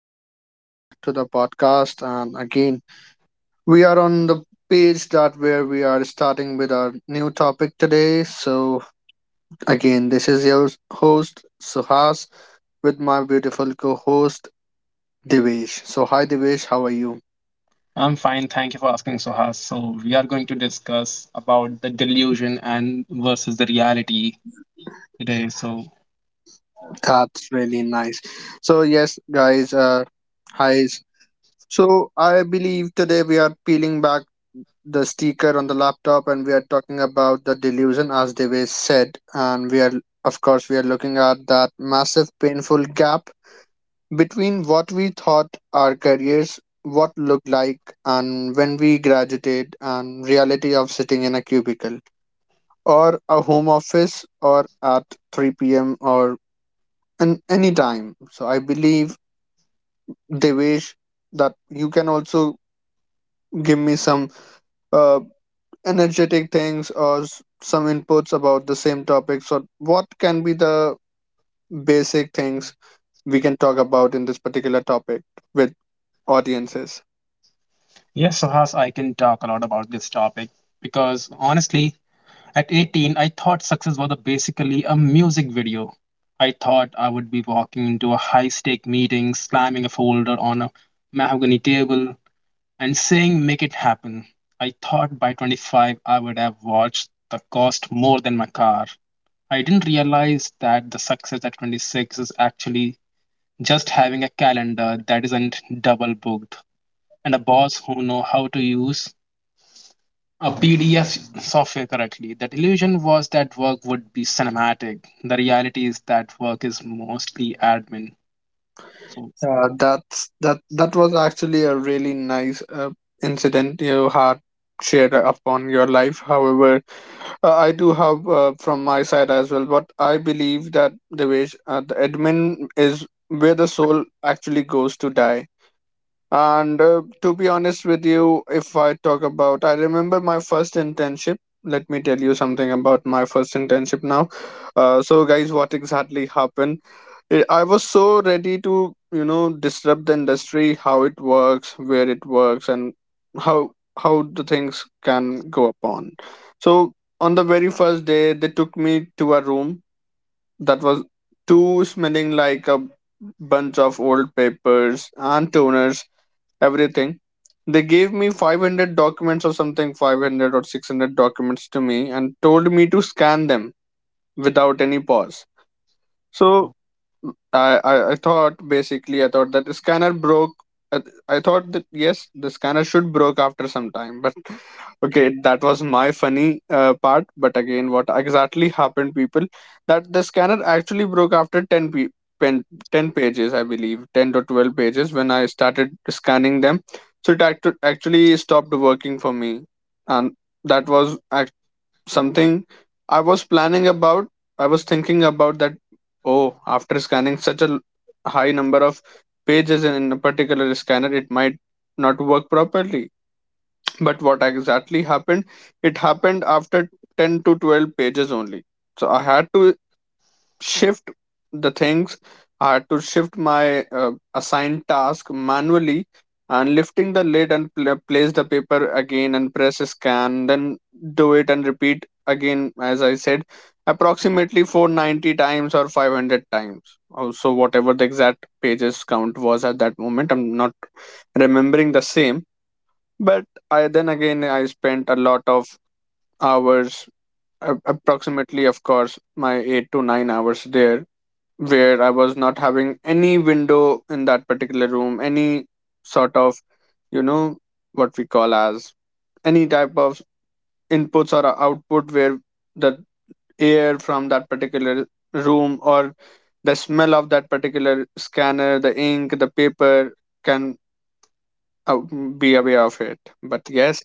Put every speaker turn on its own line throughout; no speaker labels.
guys. Welcome back to the podcast. And again, we are on the page that where we are starting with our new topic today. So, again, this is your host, Suhas, with my beautiful co host, Devesh. So, hi, Devesh. How are you?
I'm fine, thank you for asking, Suhas. So we are going to discuss about the delusion and versus the reality today. So
That's really nice. So, yes, guys, hi. So, I believe today we are peeling back the sticker on the laptop and we are talking about the delusion, as they said, and we are, of course, we are looking at that massive painful gap between what we thought our careers what looked like and when we graduated, and reality of sitting in a cubicle or a home office or at 3 p.m. or in any time. So I believe, Devesh, that you can also give me some uh, energetic things or some inputs about the same topic. So, what can be the basic things we can talk about in this particular topic with audiences?
yes, Suhas, I can talk a lot about this topic because honestly, at 18, I thought success was a basically a music video. I thought I would be walking into a high-stake meeting, slamming a folder on a mahogany table, and saying "Make it happen." I thought by 25 I would have watched the cost more than my car. I didn't realize that the success at 26 is actually just having a calendar that isn't double booked and a boss who know how to use a PDF software correctly. That illusion was that work would be cinematic. The reality is that work is mostly admin. So,
That was actually a really nice incident you had shared upon your life. However, I do have, from my side as well, but I believe that the way, the admin is where the soul actually goes to die. And to be honest with you, if I talk about, I remember my first internship. Let me tell you something about my first internship now. So, guys, what exactly happened? I was so ready to, you know, disrupt the industry, how it works, where it works, and how how the things can go upon. So, on the very first day, they took me to a room that was too smelling like a bunch of old papers and toners, everything. They gave me 500 documents or something, 500 or 600 documents to me, and told me to scan them without any pause.
uh,
So I thought, basically I thought that the scanner broke. I, I thought that yes, the scanner should broke after some time. But okay, that was my funny part. But again, what exactly happened, people? That the scanner actually broke after 10, pe- pen, 10 pages, I believe, 10 to 12 pages when I started scanning them. So it actually stopped working for me, and that was act something I was planning about. I was thinking about that. Oh, after scanning such a high number of pages in a particular scanner, it might not work properly. But what exactly happened? It happened after 10 to 12 pages only. So I had to shift the things, I had to shift my assigned task manually, and lifting the lid and place the paper again and press scan, then do it and repeat again, as I said, approximately 490 times or 500 times, also, whatever the exact pages count was at that moment. I'm not remembering the same, but I then again, I spent a lot of hours, approximately, of course, my 8 to 9 hours there, where I was not having any window in that particular room, any sort of, you know, what we call as any type of inputs or a output, where the air from that particular room or the smell of that particular scanner, the ink, the paper can, uh, be aware of it. But yes,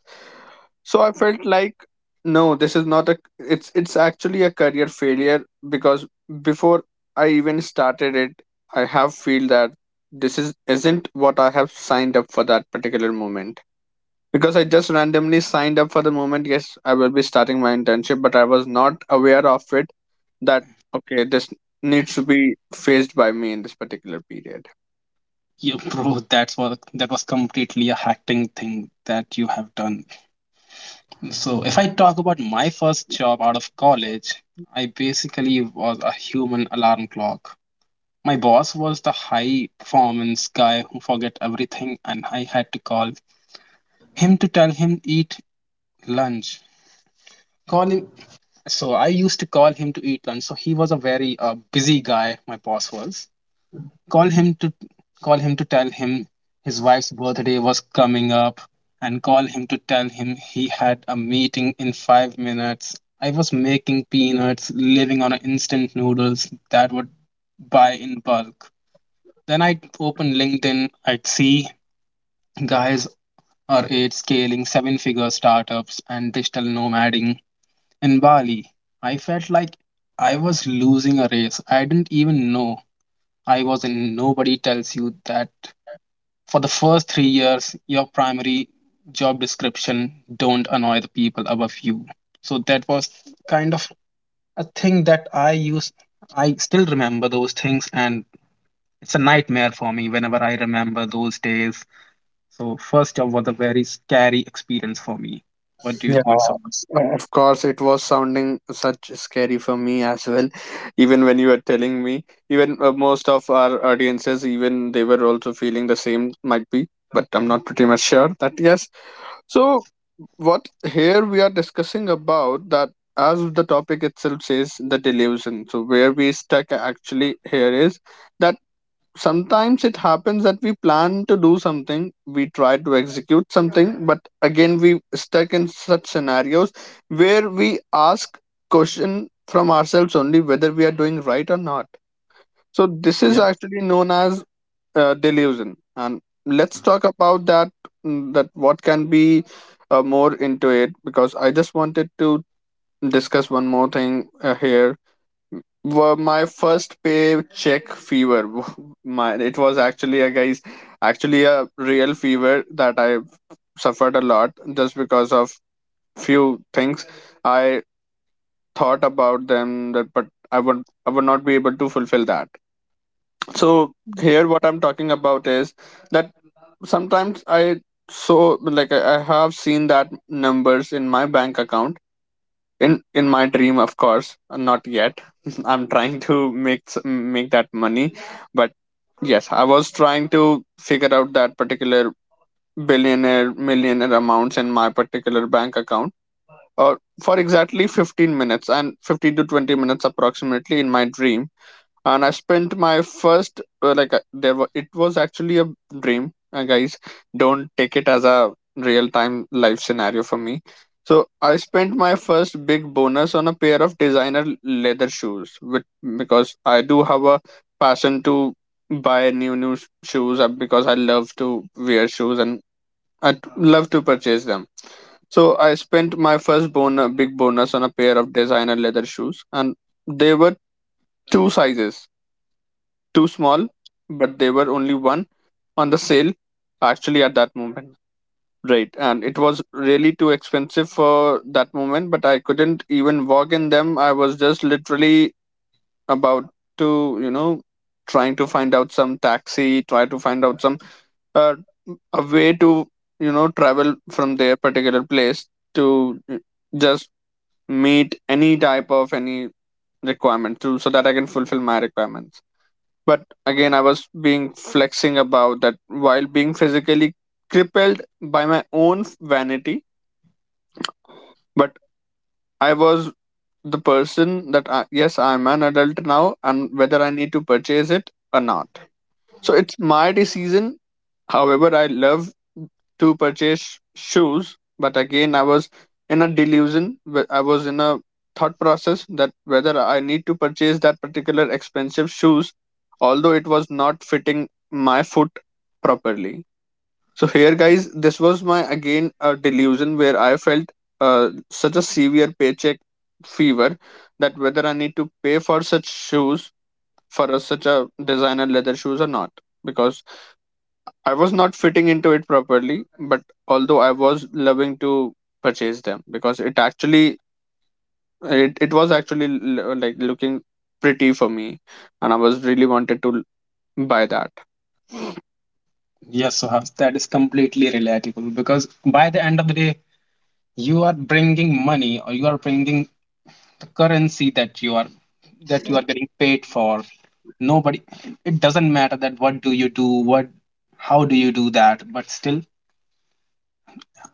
so I felt like, no, this is not a, it's actually a career failure, because before I even started it, I have feel that this is isn't what I have signed up for that particular moment, because I just randomly signed up for the moment, yes, I will be starting my internship, but I was not aware of it that okay, this needs to be faced by me in this particular period.
yeah, bro, that's what that was completely a hacking thing that you have done. So, if I talk about my first job out of college, I basically was a human alarm clock. My boss was the high performance guy who forget everything and I had to call him to tell him eat lunch. Call him so I used to call him to eat lunch. So he was a very busy guy, my boss was. Call him to call him to tell him his wife's birthday was coming up and call him to tell him he had a meeting in 5 minutes. I was making peanuts, living on instant noodles that would buy in bulk. Then I'd open LinkedIn, I'd see guys our age scaling seven figure startups and digital nomading in Bali. I felt like I was losing a race. I didn't even know I was in. Nobody tells you that for the first 3 years, your primary job description don't annoy the people above you. So that was kind of a thing that I used. I still remember those things, and it's a nightmare for me whenever I remember those days. So first job was a very scary experience for me. What do you
Yeah,
think, Sohas?
of course, it was sounding such scary for me as well. Even when you were telling me, even most of our audiences, even they were also feeling the same, might be, but I'm not pretty much sure that yes. So, what here we are discussing about that, as the topic itself says, the delusion. So, where we stuck actually here is that sometimes it happens that we plan to do something, we try to execute something, but again we stuck in such scenarios where we ask question from ourselves only whether we are doing right or not. So this is
Yeah.
actually known as delusion, and let's talk about that. That what can be more into it, because I just wanted to discuss one more thing, here were my first pay check fever. my it was actually a, guys, actually a real fever that I suffered a lot just because of few things I thought about them, that but I would not be able to fulfill that. So here what I'm talking about is that sometimes I, so, like I have seen that numbers in my bank account in my dream, of course, not yet. I'm trying to make s- make that money. But yes, I was trying to figure out that particular billionaire millionaire amounts in my particular bank account uh, for exactly 15 minutes and 15 to 20 minutes approximately in my dream. And I spent my first like there were it was actually a dream, guys, don't take it as a real time life scenario for me. So I spent my first big bonus on a pair of designer leather shoes with, because I do have a passion to buy new shoes, because I love to wear shoes, and I love to purchase them. So I spent my first bonus, big bonus, on a pair of designer leather shoes, and they were two sizes. Too small, but they were only one on the sale actually at that moment. Right, and it was really too expensive for that moment, but I couldn't even walk in them. I was just literally about to, you know, trying to find out some taxi, try to find out some, uh, a way to, you know, travel from their particular place to, just meet any type of any requirement to, so that I can fulfill my requirements. But again, I was being flexing about that while being physically crippled by my own vanity. But I was the person that, yes, I'm an adult now and whether I need to purchase it or not, so it's my decision. However, I love to purchase shoes, but again, I was in a delusion. I was in a thought process that whether I need to purchase that particular expensive shoes, although it was not fitting my foot properly. So here, guys, this was my, again, a delusion where I felt such a severe paycheck fever, that whether I need to pay for such shoes for, such a designer leather shoes or not, because I was not fitting into it properly, but although I was loving to purchase them because it actually, it was actually like looking pretty for me, and I was really wanted to buy that.
Yes, Sohas, that is completely relatable because by the end of the day, you are bringing money or you are bringing the currency that you are getting paid for. Nobody, it doesn't matter that what do you do, how do you do that. But still,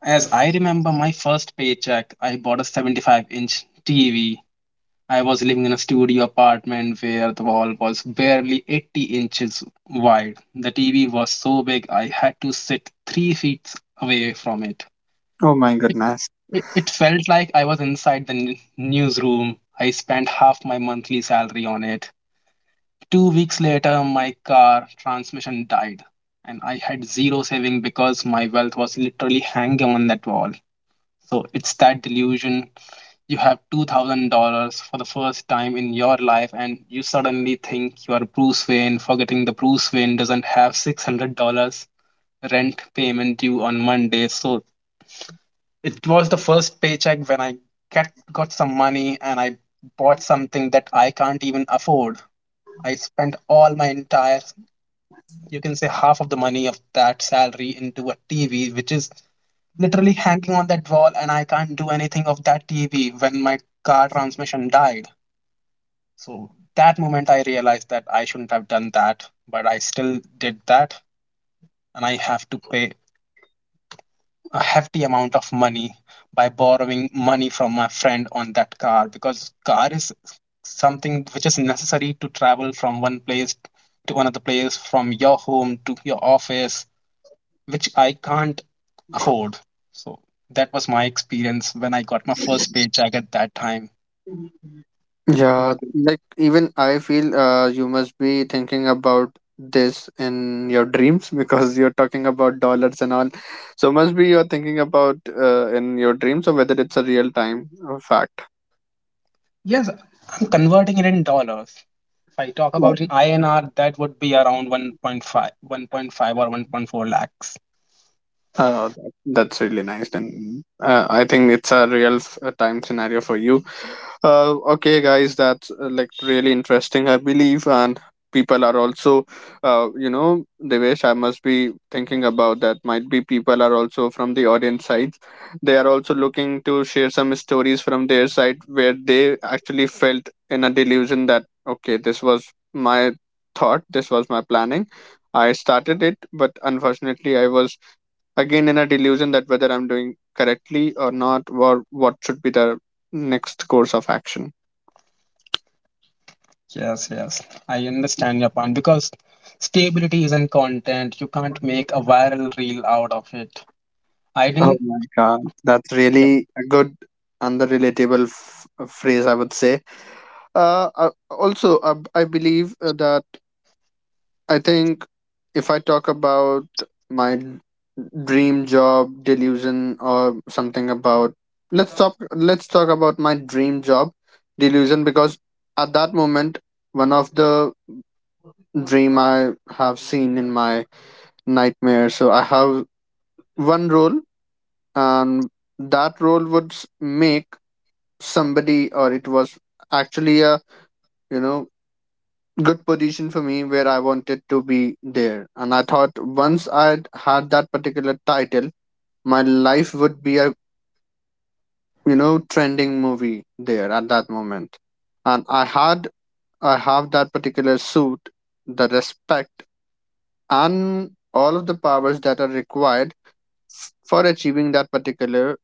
as I remember my first paycheck, I bought a 75-inch TV. I was living in a studio apartment where the wall was barely 80 inches wide. The TV was so big I had to sit 3 feet away from it.
Oh my
It,
goodness.
it felt like I was inside the newsroom. I spent half my monthly salary on it. 2 weeks later, my car transmission died, and I had zero saving because my wealth was literally hanging on that wall. So it's that delusion, you have $2,000 for the first time in your life and you suddenly think you are Bruce Wayne, forgetting the Bruce Wayne doesn't have $600 rent payment due on Monday. So it was the first paycheck when I got some money and I bought something that I can't even afford. I spent all my entire, you can say half of the money of that salary into a TV, which is literally hanging on that wall, and I can't do anything of that TV when my car transmission died. So that moment I realized that I shouldn't have done that, but I still did that and I have to pay a hefty amount of money by borrowing money from my friend on that car, because car is something which is necessary to travel from one place to another place, from your home to your office, which I can't afford. So that was my experience when I got my first paycheck at that time. What?
Yeah, like, even I feel, you must be thinking about this in your dreams, because you're talking about dollars and all. So must be you're thinking about, in your dreams or whether it's a real time, fact.
Yes, I'm converting it in dollars. If I talk about in INR, that would be around one point five or 1.4 lakhs.
That's really nice. Then I think it's a real time scenario for you. Okay, guys, that's like really interesting, I believe, and people are also, you know, Devesh, I must be thinking about that. Might be people are also from the audience side. They are also looking to share some stories from their side where they actually felt in a delusion that okay, this was my thought, this was my planning. I started it, but unfortunately, I was again in a delusion that whether I'm doing correctly or not, or what should be the next course of action.
Yes, yes. I understand your point because stability is in content. You can't make a
Oh
viral reel out of it. I didn't.
my god, that's
Yes,
really a good and the relatable phrase, I would say. Also, I believe that I think if I talk about my dream job delusion or something about, let's talk about my dream job delusion. Because at that moment, one of the dream I have seen in my nightmare. So I have one role, and that role would make somebody, or it was actually a, you know, good position for me where I wanted to be there. And I thought once I had that particular title, my life would be a, you know, trending movie there at that moment. And I have that particular suit, the respect, and all of the powers that are required for achieving that particular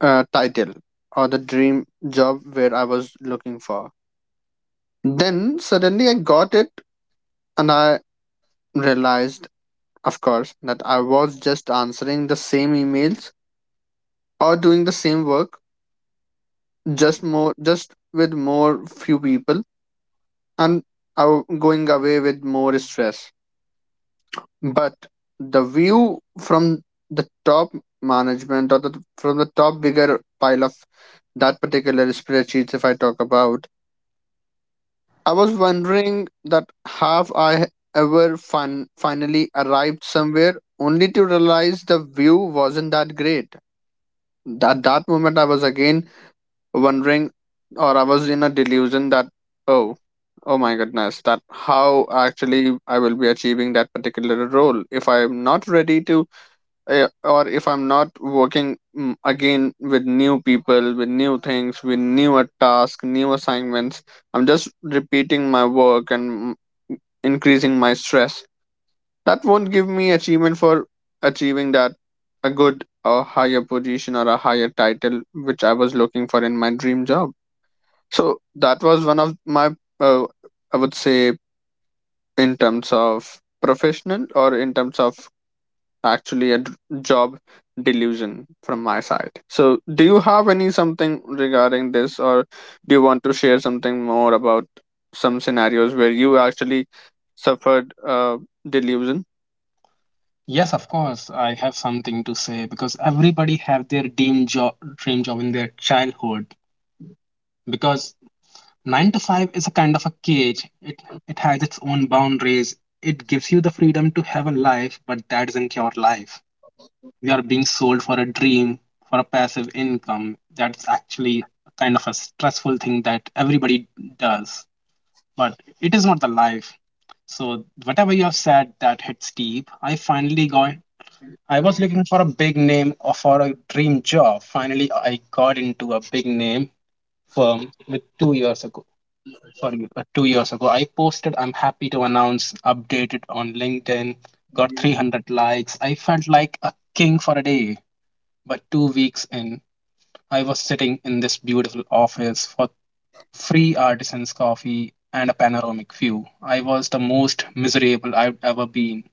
title or the dream job where I was looking for. Then suddenly I got it and I realized, of course, that I was just answering the same emails or doing the same work, just more, just with more few people and going away with more stress. But the view from the top management or from the top bigger pile of that particular spreadsheets, if I talk about, I was wondering that have I ever finally arrived somewhere only to realize the view wasn't that great. At that moment, I was again wondering, or I was in a delusion that, oh, oh my goodness, that how actually I will be achieving that particular role if I'm not ready to or if I'm not working again with new people with new things with newer tasks new assignments. I'm just repeating my work and mm, increasing my stress that won't give me achievement for achieving that a good or higher position or a higher title which I was looking for in my dream job. So that was one of my uh, I would say in terms of professional or in terms of actually job delusion from my side. So, do you have any something regarding this, or do you want to share something more about some scenarios where you actually suffered delusion?
yes, of course. I have something to say because everybody have their dream job in their childhood. Because 9 to 5 is a kind of a cage. It has its own boundaries. It gives you the freedom to have a life, but that isn't your life. We are being sold for a dream, for a passive income. That's actually a kind of a stressful thing that everybody does, but it is not the life. So whatever you have said, that hits deep. I finally got I was looking for a big name or for a dream job. Finally I got into a big name firm with two years ago sorry, 2 years ago. I posted, I'm happy to announce, updated on LinkedIn, got 300 likes. I felt like a king for a day. But 2 weeks in, I was sitting in this beautiful office for free artisan's coffee and a panoramic view. I was the most miserable I've ever been.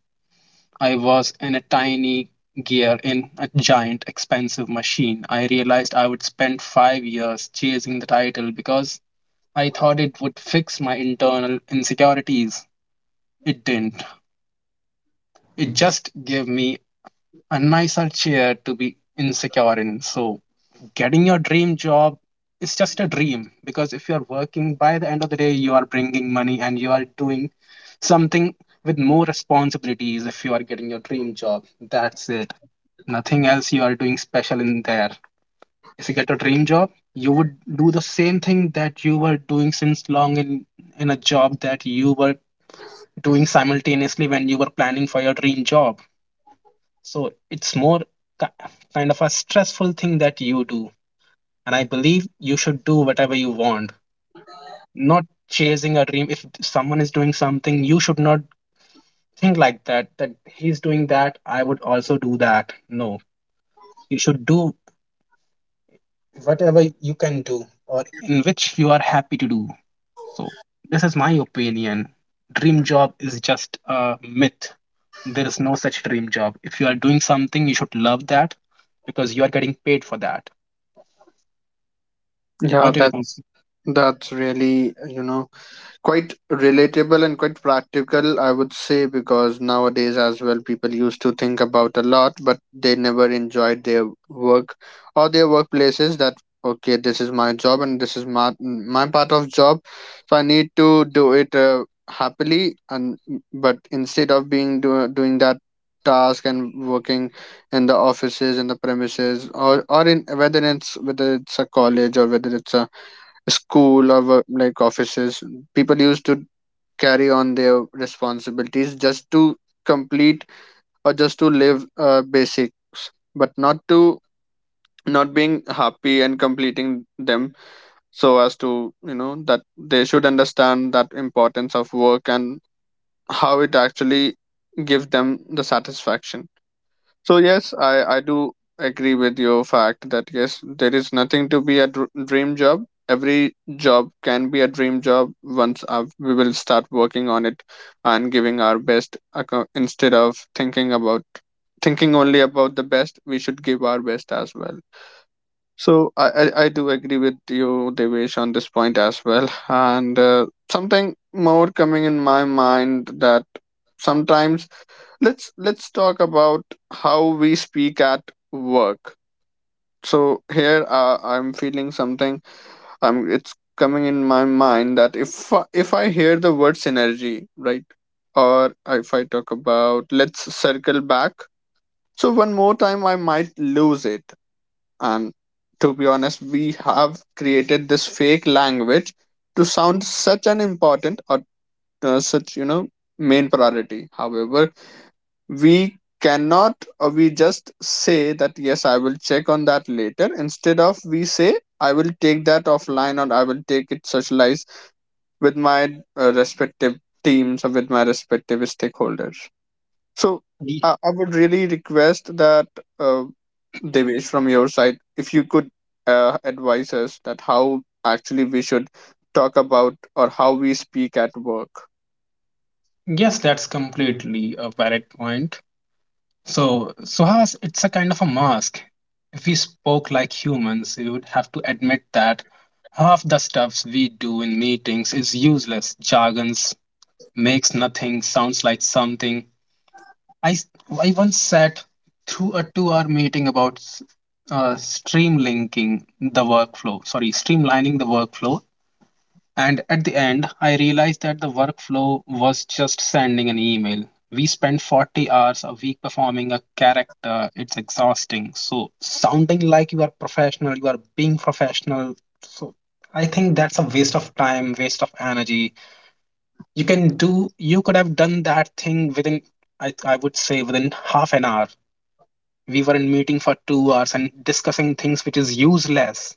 I was in a tiny gear in a giant expensive machine. I realized I would spend 5 years chasing the title because I thought it would fix my internal insecurities. It didn't. It just gave me a nicer chair to be insecure in. So, getting your dream job is just a dream because if you're working, by the end of the day, you are bringing money and you are doing something with more responsibilities if you are getting your dream job. That's it. Nothing else you are doing special in there. If you get a dream job, you would do the same thing that you were doing since long in a job that you were doing simultaneously when you were planning for your dream job. So it's more ki- kind of a stressful thing that you do. And I believe you should do whatever you want, not chasing a dream. If someone is doing something, you should not think like that, that he's doing that, I would also do that. No, you should do whatever you can do or in which you are happy to do. So, this is my opinion. Dream job is just a myth. There is no such dream job. If you are doing something, you should love that because you are getting paid for that.
Yeah,
What do you think?
that's really, you know, quite relatable and quite practical, I would say, because nowadays as well people used to think about a lot but they never enjoyed their work or their workplaces. That okay, this is my job and this is my part of job, so I need to do it happily. And but instead of being doing that task and working in the offices in the premises or in whether it's a college or whether it's a school or like offices, people used to carry on their responsibilities just to complete or just to live basics, but not to not being happy and completing them, so as to, you know, that they should understand that importance of work and how it actually gives them the satisfaction. So yes, I do agree with your fact that yes, there is nothing to be a dream job. Every job can be a dream job once we will start working on it and giving our best. Instead of thinking about thinking only about the best, we should give our best as well. So I do agree with you, Devesh, on this point as well. And something more coming in my mind that sometimes let's talk about how we speak at work. So here I'm feeling something. I'm It's coming in my mind that if if I hear the word synergy, right, or if I talk about let's circle back, so one more time I might lose it. And to be honest, we have created this fake language to sound such an important or such, you know, main priority. However, we cannot, or we just say that yes, I will check on that later instead of we say I will take that offline or I will take it socialize with my respective teams or with my respective stakeholders. So
Ye-
I would really request that uh, Devesh, from your side, if you could advise us that how actually we should talk about or how we speak at work.
Yes, that's completely a valid point. So, Suhas, it's a kind of a mask. If we spoke like humans, we would have to admit that half the stuffs we do in meetings is useless jargon, makes nothing sounds like something. I, s- I once sat through a 2 hour meeting about s- streamlinking the workflow, sorry, streamlining the workflow. And at the end, I realized that the workflow was just sending an email. We spend 40 hours a week performing a character. It's exhausting. So, sounding like you are professional, you are being professional. So, I think that's a waste of time, waste of energy. You can do you could have done that thing within. I would say within half an hour. We were in meeting for 2 hours and discussing things which is useless,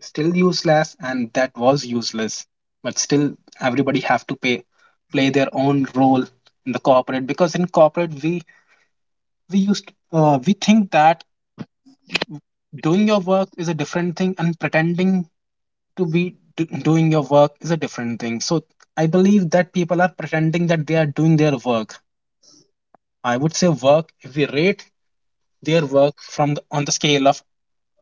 still useless, and that was useless, but still everybody have to pay play their own role in the corporate, because in corporate we used we think that doing your work is a different thing and pretending to be doing your work is a different thing. So I believe that people are pretending that they are doing their work. I would say work, if we rate their work on the scale of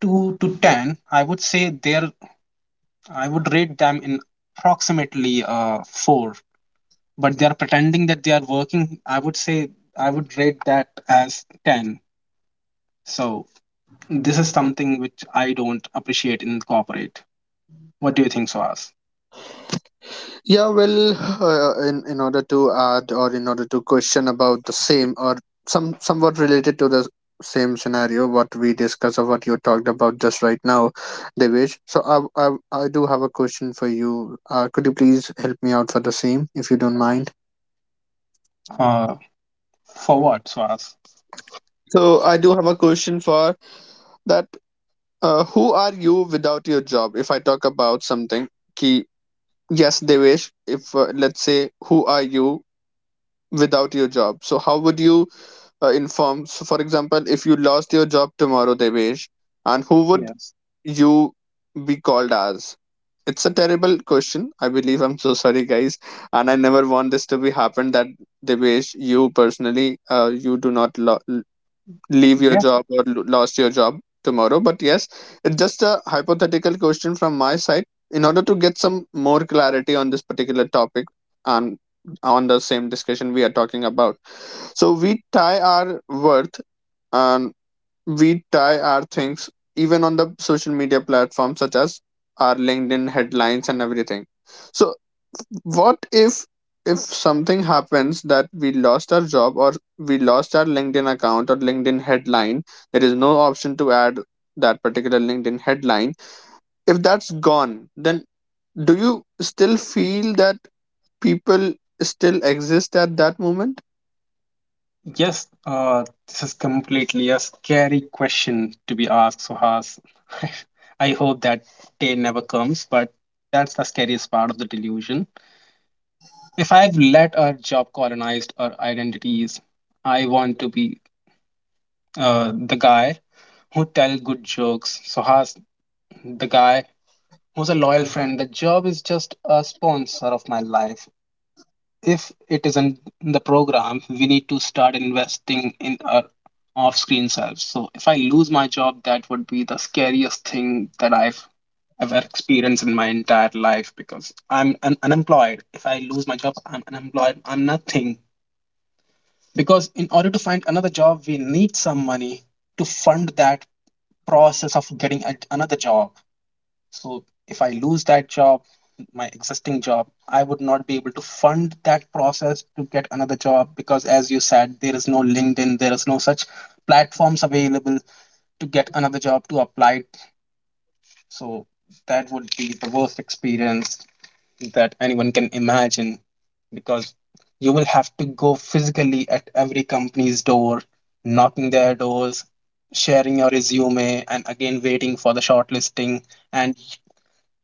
2 to 10, I would rate them in approximately 4. But they're pretending that they are working, I would say, I would rate that as 10. So this is something which I don't appreciate in corporate. What do you think, Swaz?
Yeah, well, in order to add or in order to question about the same or somewhat related to the same scenario what we discussed or what you talked about just right now, Devesh. So I do have a question for you. Could you please help me out for the same if you don't mind?
Uh, for what, Swaz?
So I do have a question for that. Who are you without your job? If I talk about something, ki yes, Devesh. If let's say, who are you without your job? So how would you? Inform. So, for example, if you lost your job tomorrow, Devesh, and who would
Yes.
you be called as? It's a terrible question. I believe I'm so sorry, guys, and I never want this to be happen. That Devesh, you personally, you do not leave your
Yeah,
job or lost your job tomorrow. But yes, it's just a hypothetical question from my side in order to get some more clarity on this particular topic and on the same discussion we are talking about. So we tie our worth and we tie our things even on the social media platforms such as our LinkedIn headlines and everything. So what if something happens that we lost our job or we lost our LinkedIn account or LinkedIn headline, there is no option to add that particular LinkedIn headline. If that's gone, then do you still feel that people still exist at that moment?
Yes, this is completely a scary question to be asked, Suhas. I hope that day never comes, but that's the scariest part of the delusion. If I've let our job colonize our identities, I want to be the guy who tell good jokes. Suhas, the guy who's a loyal friend. The job is just a sponsor of my life. If it isn't in the program, we need to start investing in our off screen selves. So if I lose my job, that would be the scariest thing that I've ever experienced in my entire life because I'm unemployed. If I lose my job, I'm unemployed. I'm nothing. Because in order to find another job, we need some money to fund that process of getting another job, so if I lose that job, my existing job, I would not be able to fund that process to get another job because, as you said, there is no LinkedIn, there is no such platforms available to get another job to apply. So that would be the worst experience that anyone can imagine because you will have to go physically at every company's door, knocking their doors, sharing your resume, and again waiting for the shortlisting. And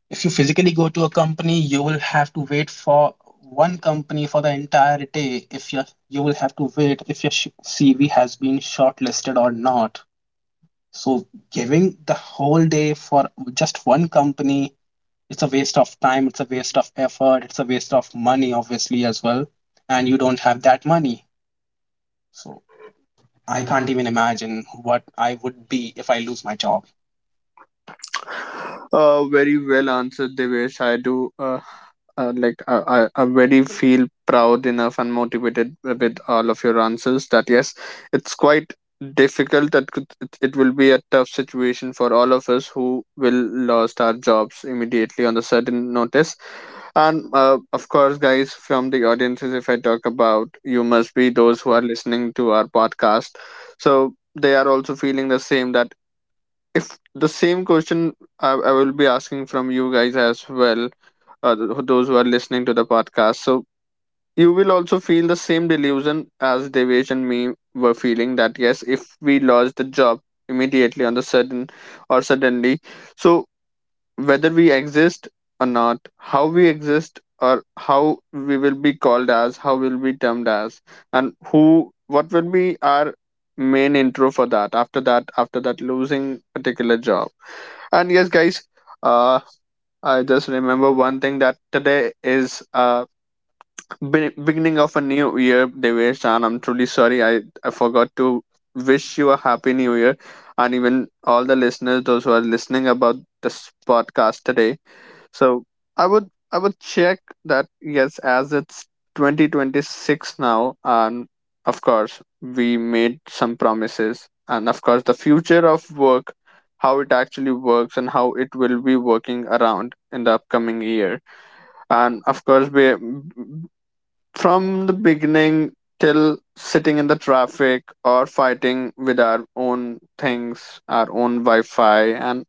if you physically go to a company, you will have to wait for one company for the entire day. If you will have to wait if your CV has been shortlisted or not. So giving the whole day for just one company, it's a waste of time. It's a waste of effort. It's a waste of money, obviously as well. And you don't have that money, so I can't even imagine what I would be if I lose my job.
Very well answered, Devesh. I do like I very feel proud enough and motivated with all of your answers. That yes, it's quite difficult. That it will be a tough situation for all of us who will lost our jobs immediately on the sudden notice. And of course, guys, from the audiences, if I talk about, you must be those who are listening to our podcast. So they are also feeling the same that if the same question I will be asking from you guys as well, those who are listening to the podcast. So you will also feel the same delusion as Devesh and me were feeling that yes, if we lost the job immediately on the sudden or suddenly, so whether we exist or not, how we exist or how we will be called as, how will be termed as, and who what will be our main intro for that after that after that losing particular job. And yes, guys, uh, I just remember one thing that today is beginning of a new year, Devesh, and I'm truly sorry I forgot to wish you a happy new year, and even all the listeners, those who are listening about this podcast today. So I would check that yes, as it's 2026 now, and of course we made some promises, and of course the future of work, how it actually works, and how it will be working around in the upcoming year, and of course we from the beginning till sitting in the traffic or fighting with our own things, our own Wi-Fi, and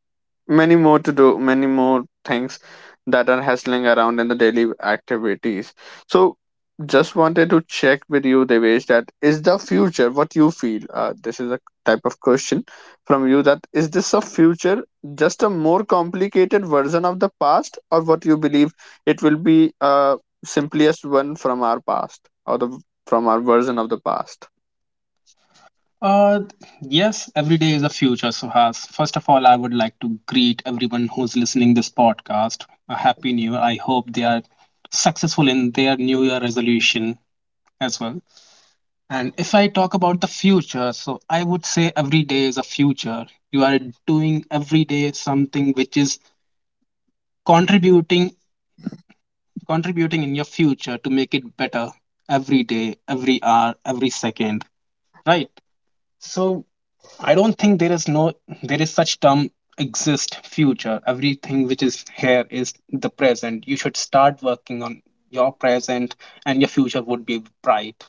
many more to do many more things that are hustling around in the daily activities. So just wanted to check with you, Devesh, that is the future what you feel, this is a type of question from you, that is this a future just a more complicated version of the past or what you believe it will be simplest one from our past or the from our version of the past?
Uh, yes, every day is a future, Suhas. First of all, I would like to greet everyone who's listening this podcast. A happy new year. I hope they are successful in their new year resolution as well. And if I talk about the future, so I would say every day is a future. You are doing every day something which is contributing contributing in your future to make it better every day, every hour, every second, right? So I don't think there is no there is such term exist future. Everything which is here is the present. You should start working on your present and your future would be bright.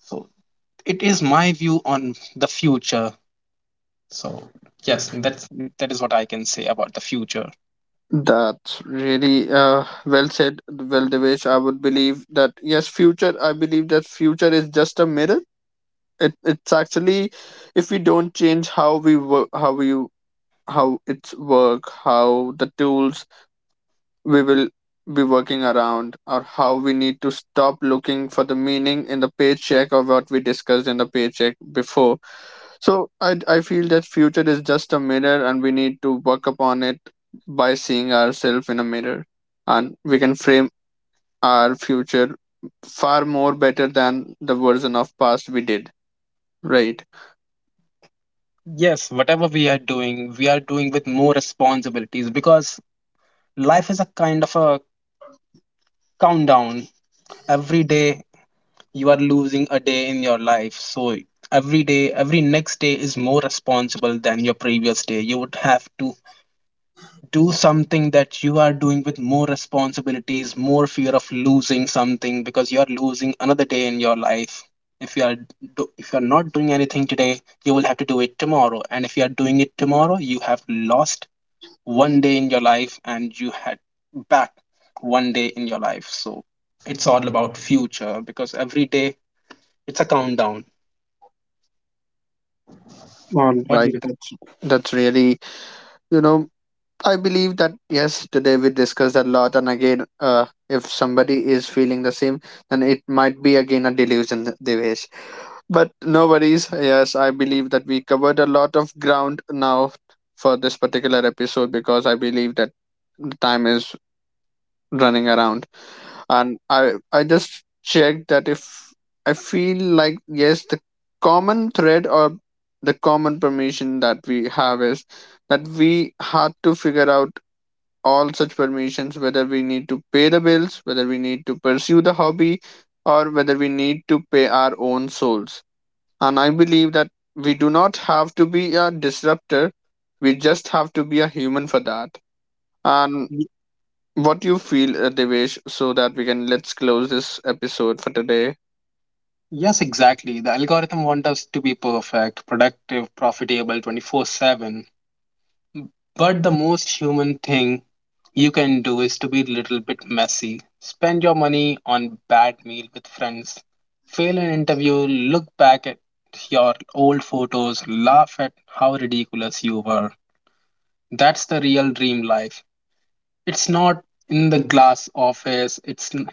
So it is my view on the future. So yes, that is what I can say about the future.
That's really well said, well, Devesh. I would believe that yes, future. I believe that future is just a mirror. It it's actually, if we don't change how we work, how we how it's work, how the tools we will be working around or how we need to stop looking for the meaning in the paycheck or what we discussed in the paycheck before. So I feel that future is just a mirror and we need to work upon it by seeing ourselves in a mirror and we can frame our future far more better than the version of past we did, right?
Yes, whatever we are doing with more responsibilities because life is a kind of a countdown. Every day you are losing a day in your life. So every day, every next day is more responsible than your previous day. You would have to do something that you are doing with more responsibilities, more fear of losing something because you are losing another day in your life. If you are if you are not doing anything today, you will have to do it tomorrow. And if you are doing it tomorrow, you have lost one day in your life and you had back one day in your life, so it's all about future because every day it's a countdown.
All right.
What do you
Right,
think?
that's really, you know, I believe that yes, today we discussed a lot, and again, if somebody is feeling the same, then it might be again a delusion, Devesh. But no worries. Yes, I believe that we covered a lot of ground now for this particular episode because I believe that the time is running around, and I just checked that if I feel like yes, the common thread or the common permission that we have is that we had to figure out all such permissions whether we need to pay the bills, whether we need to pursue the hobby, or whether we need to pay our own souls. And I believe that we do not have to be a disruptor, we just have to be a human for that. And
Y-
what you feel, Devesh, so that we can let's close this episode for today.
yes, exactly, the algorithm wants us to be perfect, productive, profitable 24/7, but the most human thing you can do is to be a little bit messy, spend your money on bad meal with friends, fail an interview, look back at your old photos, laugh at how ridiculous you were. That's the real dream life. It's not in the glass office,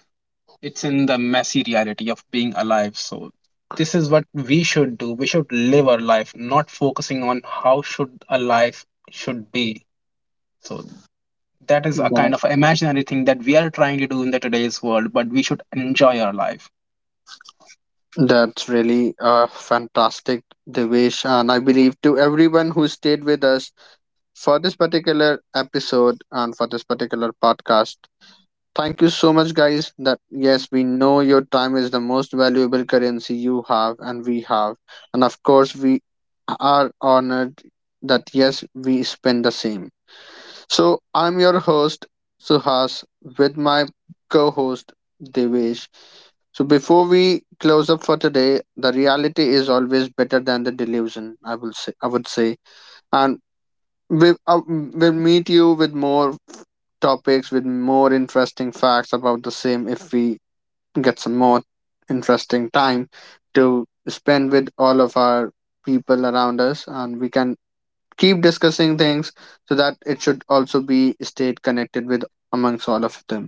it's in the messy reality of being alive. So this is what we should do. We should live our life, not focusing on how should a life should be. So that is a
That,
kind of imaginary thing that we are trying to do in the today's world, but we should enjoy our life.
that's really fantastic, Devesh. And I believe to everyone who stayed with us for this particular episode and for this particular podcast. Thank you so much, guys. That yes, we know your time is the most valuable currency you have and we have, and of course, we are honored that yes, we spend the same. So I'm your host Suhas with my co-host Devesh. So before we close up for today, the reality is always better than the delusion. I will say. I would say, and we, we'll meet you with more topics with more interesting facts about the same if we get some more interesting time to spend with all of our people around us and we can keep discussing things so that it should also be stayed connected with amongst all of them.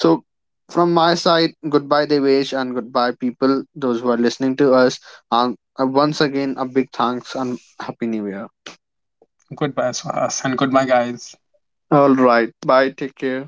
So from my side, goodbye, Devesh, and goodbye, people, those who are listening to us, and once again, a big thanks and happy new year.
Goodbye, Swaz, and goodbye, guys.
All right, bye, take care.